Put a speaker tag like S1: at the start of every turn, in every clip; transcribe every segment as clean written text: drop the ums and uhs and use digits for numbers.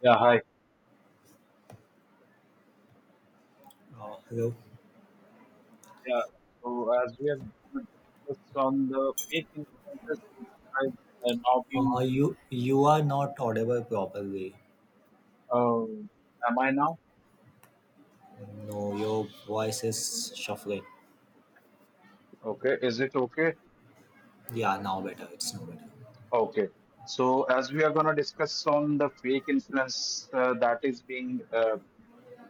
S1: Yeah, hi.
S2: Hello.
S1: Yeah, so as we have discussed on the fake influences, which has now
S2: Uh,
S1: been,
S2: you you are not audible properly.
S1: am I now?
S2: No, your voice is shuffling.
S1: Okay, is it okay?
S2: Yeah, now better. It's now better.
S1: Okay. So as we are going to discuss on the fake influence that is being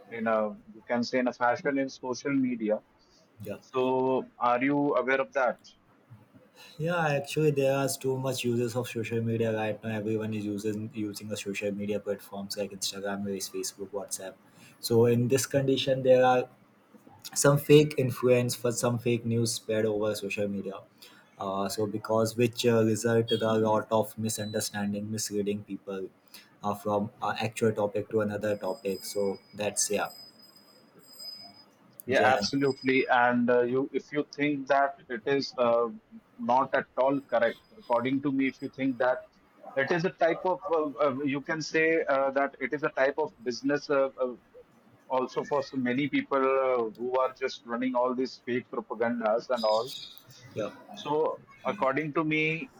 S1: in a, you can say in a fashion in social media.
S2: Yeah.
S1: So are you aware of that?
S2: Yeah, actually there are too much uses of social media right now. Everyone is using the social media platforms like Instagram, Reels, Facebook, WhatsApp. So in this condition there are some fake influence for some fake news spread over social media, so because which result to a lot of misunderstanding misleading people from actual topic to another topic, so that's yeah
S1: Yeah,
S2: yeah
S1: absolutely. And you, if you think that it is not at all correct, according to me, if you think that it is a type of, you can say that it is a type of business also for so many people who are just running all these fake propagandas and all.
S2: yeah
S1: So, according to me,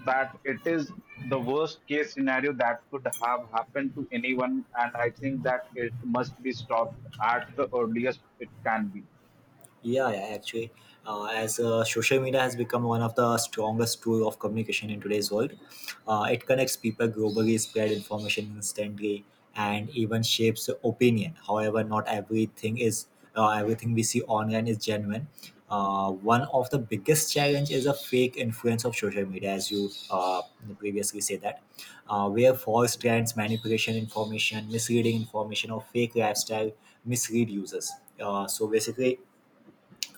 S1: that it is the worst case scenario that could have happened to anyone, and I think that it must be stopped at the earliest it can be.
S2: Yeah, yeah, actually, as social media has become one of the strongest tool of communication in today's world, it connects people globally, spread information instantly, and even shapes opinion. However, not everything is everything we see online is genuine. One of the biggest challenge is a fake influence of social media, as you previously said that, where false trends, manipulation information, misleading information, or fake lifestyle mislead users. So basically,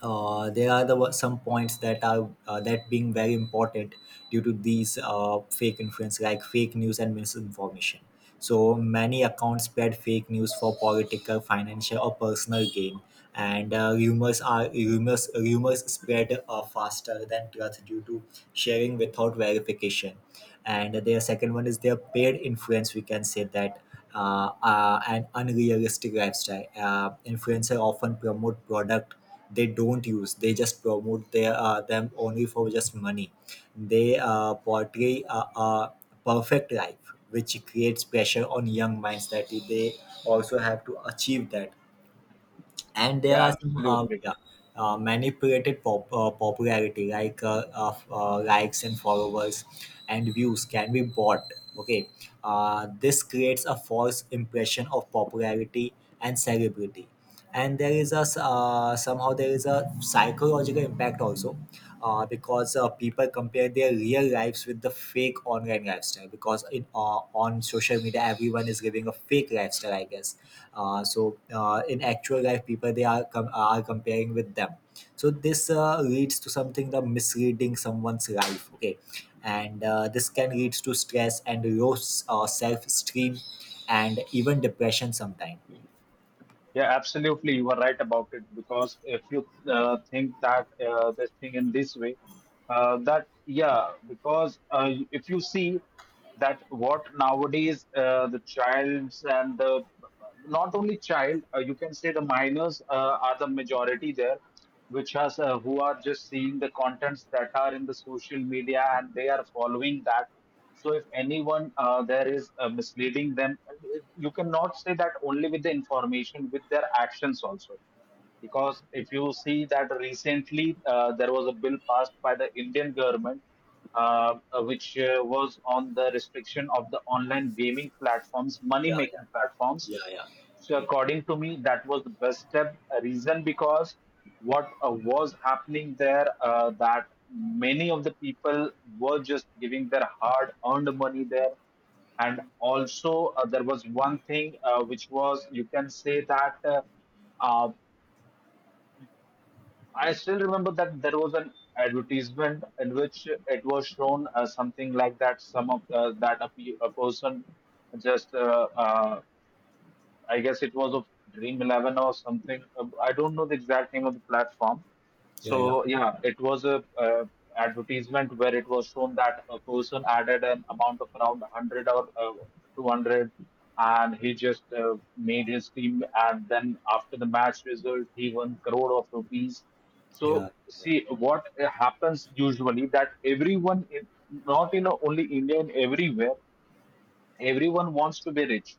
S2: there are the wa- some points that are that being very important due to these fake influence, like fake news and misinformation. So many accounts spread fake news for political, financial or personal gain, and rumors are rumors rumors spread faster than truth due to sharing without verification. And their second one is their paid influence, we can say that. An unrealistic lifestyle, influencer often promote product they don't use. They just promote their them only for just money. They portray a perfect life which creates pressure on young minds that they also have to achieve that. And there are
S1: Yeah,
S2: some
S1: absolutely.
S2: yeah, manipulated popularity, like of likes and followers, and views can be bought. Okay. This creates a false impression of popularity and celebrity. And there is somehow there is a psychological impact also, because people compare their real lives with the fake online lifestyle. Because in on social media everyone is living a fake lifestyle, I guess. So in actual life people they are comparing with them. So this leads to something, the misreading someone's life. Okay. And this can lead to stress and low self-esteem and even depression sometimes.
S1: Yeah, absolutely. You are right about it because if you think that this thing in this way, that yeah, because if you see that what nowadays the childs and the not only child, you can say the minors are the majority there, which has who are just seeing the contents that are in the social media and they are following that. So if anyone there is misleading them, you cannot say that only with the information, with their actions also. Because if you see that recently there was a bill passed by the Indian government, which was on the restriction of the online gaming platforms, money
S2: yeah yeah
S1: making platforms.
S2: yeah yeah
S1: So according to me, that was the best step. A reason because what was happening there, that many of the people were just giving their hard-earned money there, and also there was one thing which was you can say that uh, I still remember that there was an advertisement in which it was shown something like that. Some of a person just uh, I guess it was of Dream 11 or something. I don't know the exact name of the platform.
S2: yeah yeah
S1: So yeah, it was a advertisement where it was shown that a person added an amount of around 100 or 200, and he just made his team. And then after the match result, he won crore of rupees. So
S2: yeah
S1: see what happens usually that everyone, in, not in only India, in everywhere, everyone wants to be rich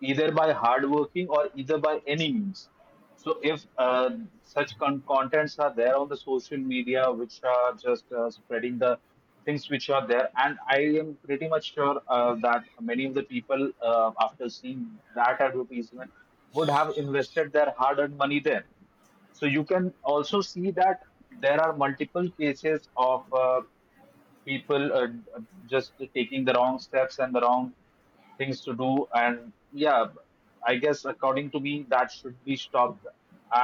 S1: either by hardworking or either by any means. So if such contents are there on the social media, which are just spreading the things which are there, and I am pretty much sure that many of the people, after seeing that advertisement, would have invested their hard-earned money there. So you can also see that there are multiple cases of people are just taking the wrong steps and the wrong things to do and yeah, I guess according to me that should be stopped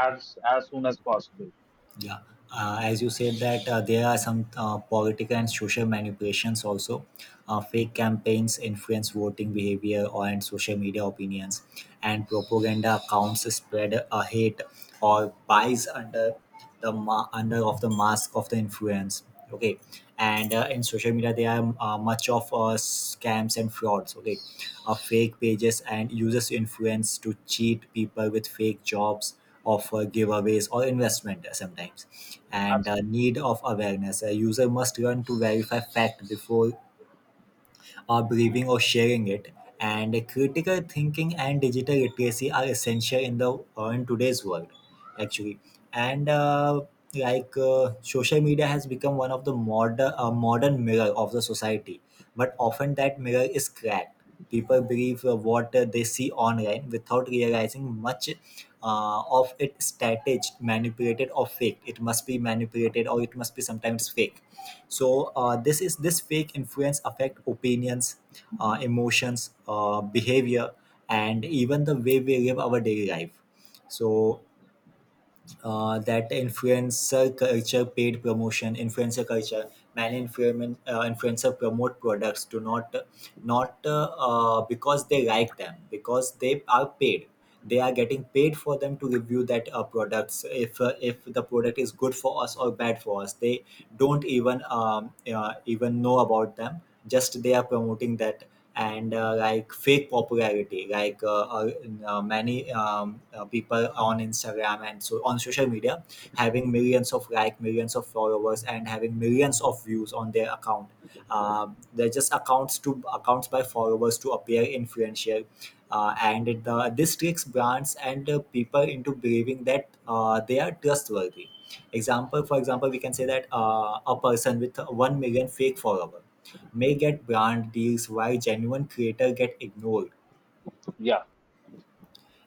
S1: as soon as possible.
S2: Yeah, as you said that there are some political and social manipulations also. Fake campaigns influence voting behavior or and social media opinions, and propaganda accounts spread hate or bias under under of the mask of the influence. Okay. And in social media there are much of scams and frauds. Okay. Fake pages and users influence to cheat people with fake jobs of giveaways or investment sometimes. And
S1: Absolutely.
S2: need of awareness, a user must learn to verify fact before believing or sharing it. And critical thinking and digital literacy are essential in the in today's world, actually. And social media has become one of the modern modern mirror of the society, but often that mirror is cracked. People believe what they see online without realizing much of it staged, manipulated, or fake. It must be manipulated, or it must be sometimes fake. So this is this fake influence affect opinions, emotions, behavior, and even the way we live our daily life. So that influencer culture paid promotion influencer culture, many influencer promote products, do not because they like them, because they are paid. They are getting paid for them to review that products. If if the product is good for us or bad for us, they don't even even know about them. Just they are promoting that. And like fake popularity, like many people on Instagram and so on social media, having millions of millions of followers and having millions of views on their account. uh, they're just accounts to accounts by followers to appear influential. This tricks brands and people into believing that they are trustworthy. Example For example, we can say that a person with 1 million fake followers may get brand deals while genuine creators get ignored.
S1: Yeah.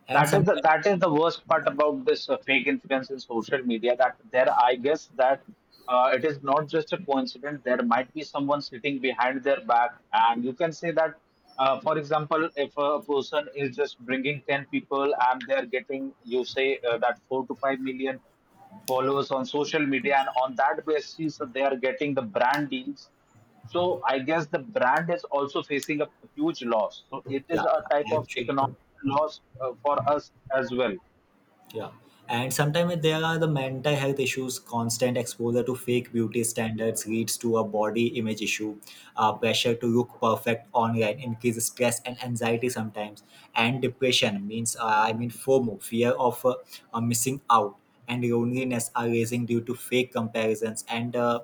S2: And sometimes,
S1: That is the worst part about this fake influence in social media. That there, I guess that it is not just a coincidence. There might be someone sitting behind their back, and you can say that. For example, if a person is just bringing 10 people and they're getting, you say that 4 to 5 million followers on social media, and on that basis they are getting the brand deals. So I guess the brand is also facing a huge loss. So
S2: yeah,
S1: it is
S2: yeah,
S1: a type of
S2: actually.
S1: economic loss for us as well.
S2: Yeah. And sometimes there are the mental health issues. Constant exposure to fake beauty standards leads to a body image issue. Pressure to look perfect online increases stress and anxiety sometimes. And depression means, I mean, FOMO, fear of missing out, and loneliness are raising due to fake comparisons. And uh,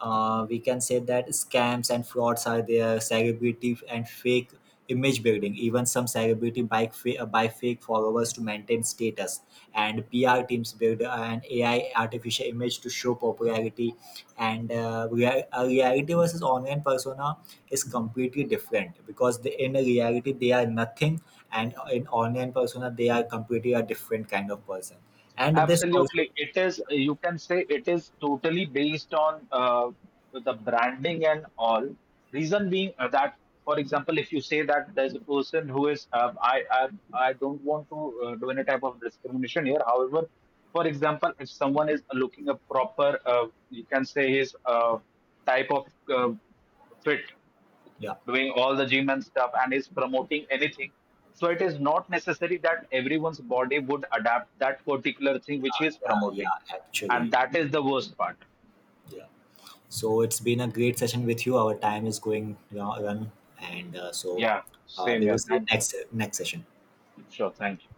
S2: uh, we can say that scams and frauds are there, celebrity and fake image building. Even some celebrity buy fake followers to maintain status, and PR teams build an AI artificial image to show popularity. And a reality versus online persona is completely different, because the, in reality they are nothing, and in online persona they are completely a different kind of person. And this also,
S1: Absolutely. It is, you can say it is totally based on the branding and all. Reason being that, for example, if you say that there's a person who is, I don't want to do any type of discrimination here. However, for example, if someone is looking a proper, you can say his type of uh, fit
S2: yeah,
S1: doing all the gym and stuff and is promoting anything. So it is not necessary that everyone's body would adapt that particular thing which
S2: yeah,
S1: he is
S2: yeah,
S1: promoting.
S2: yeah,
S1: And
S2: actually,
S1: that is the worst part.
S2: yeah. So it's been a great session with you. Our time is going, you know, run, and so
S1: Yeah, same
S2: we
S1: here.
S2: will see you
S1: Thank you.
S2: next session.
S1: Sure, thank you.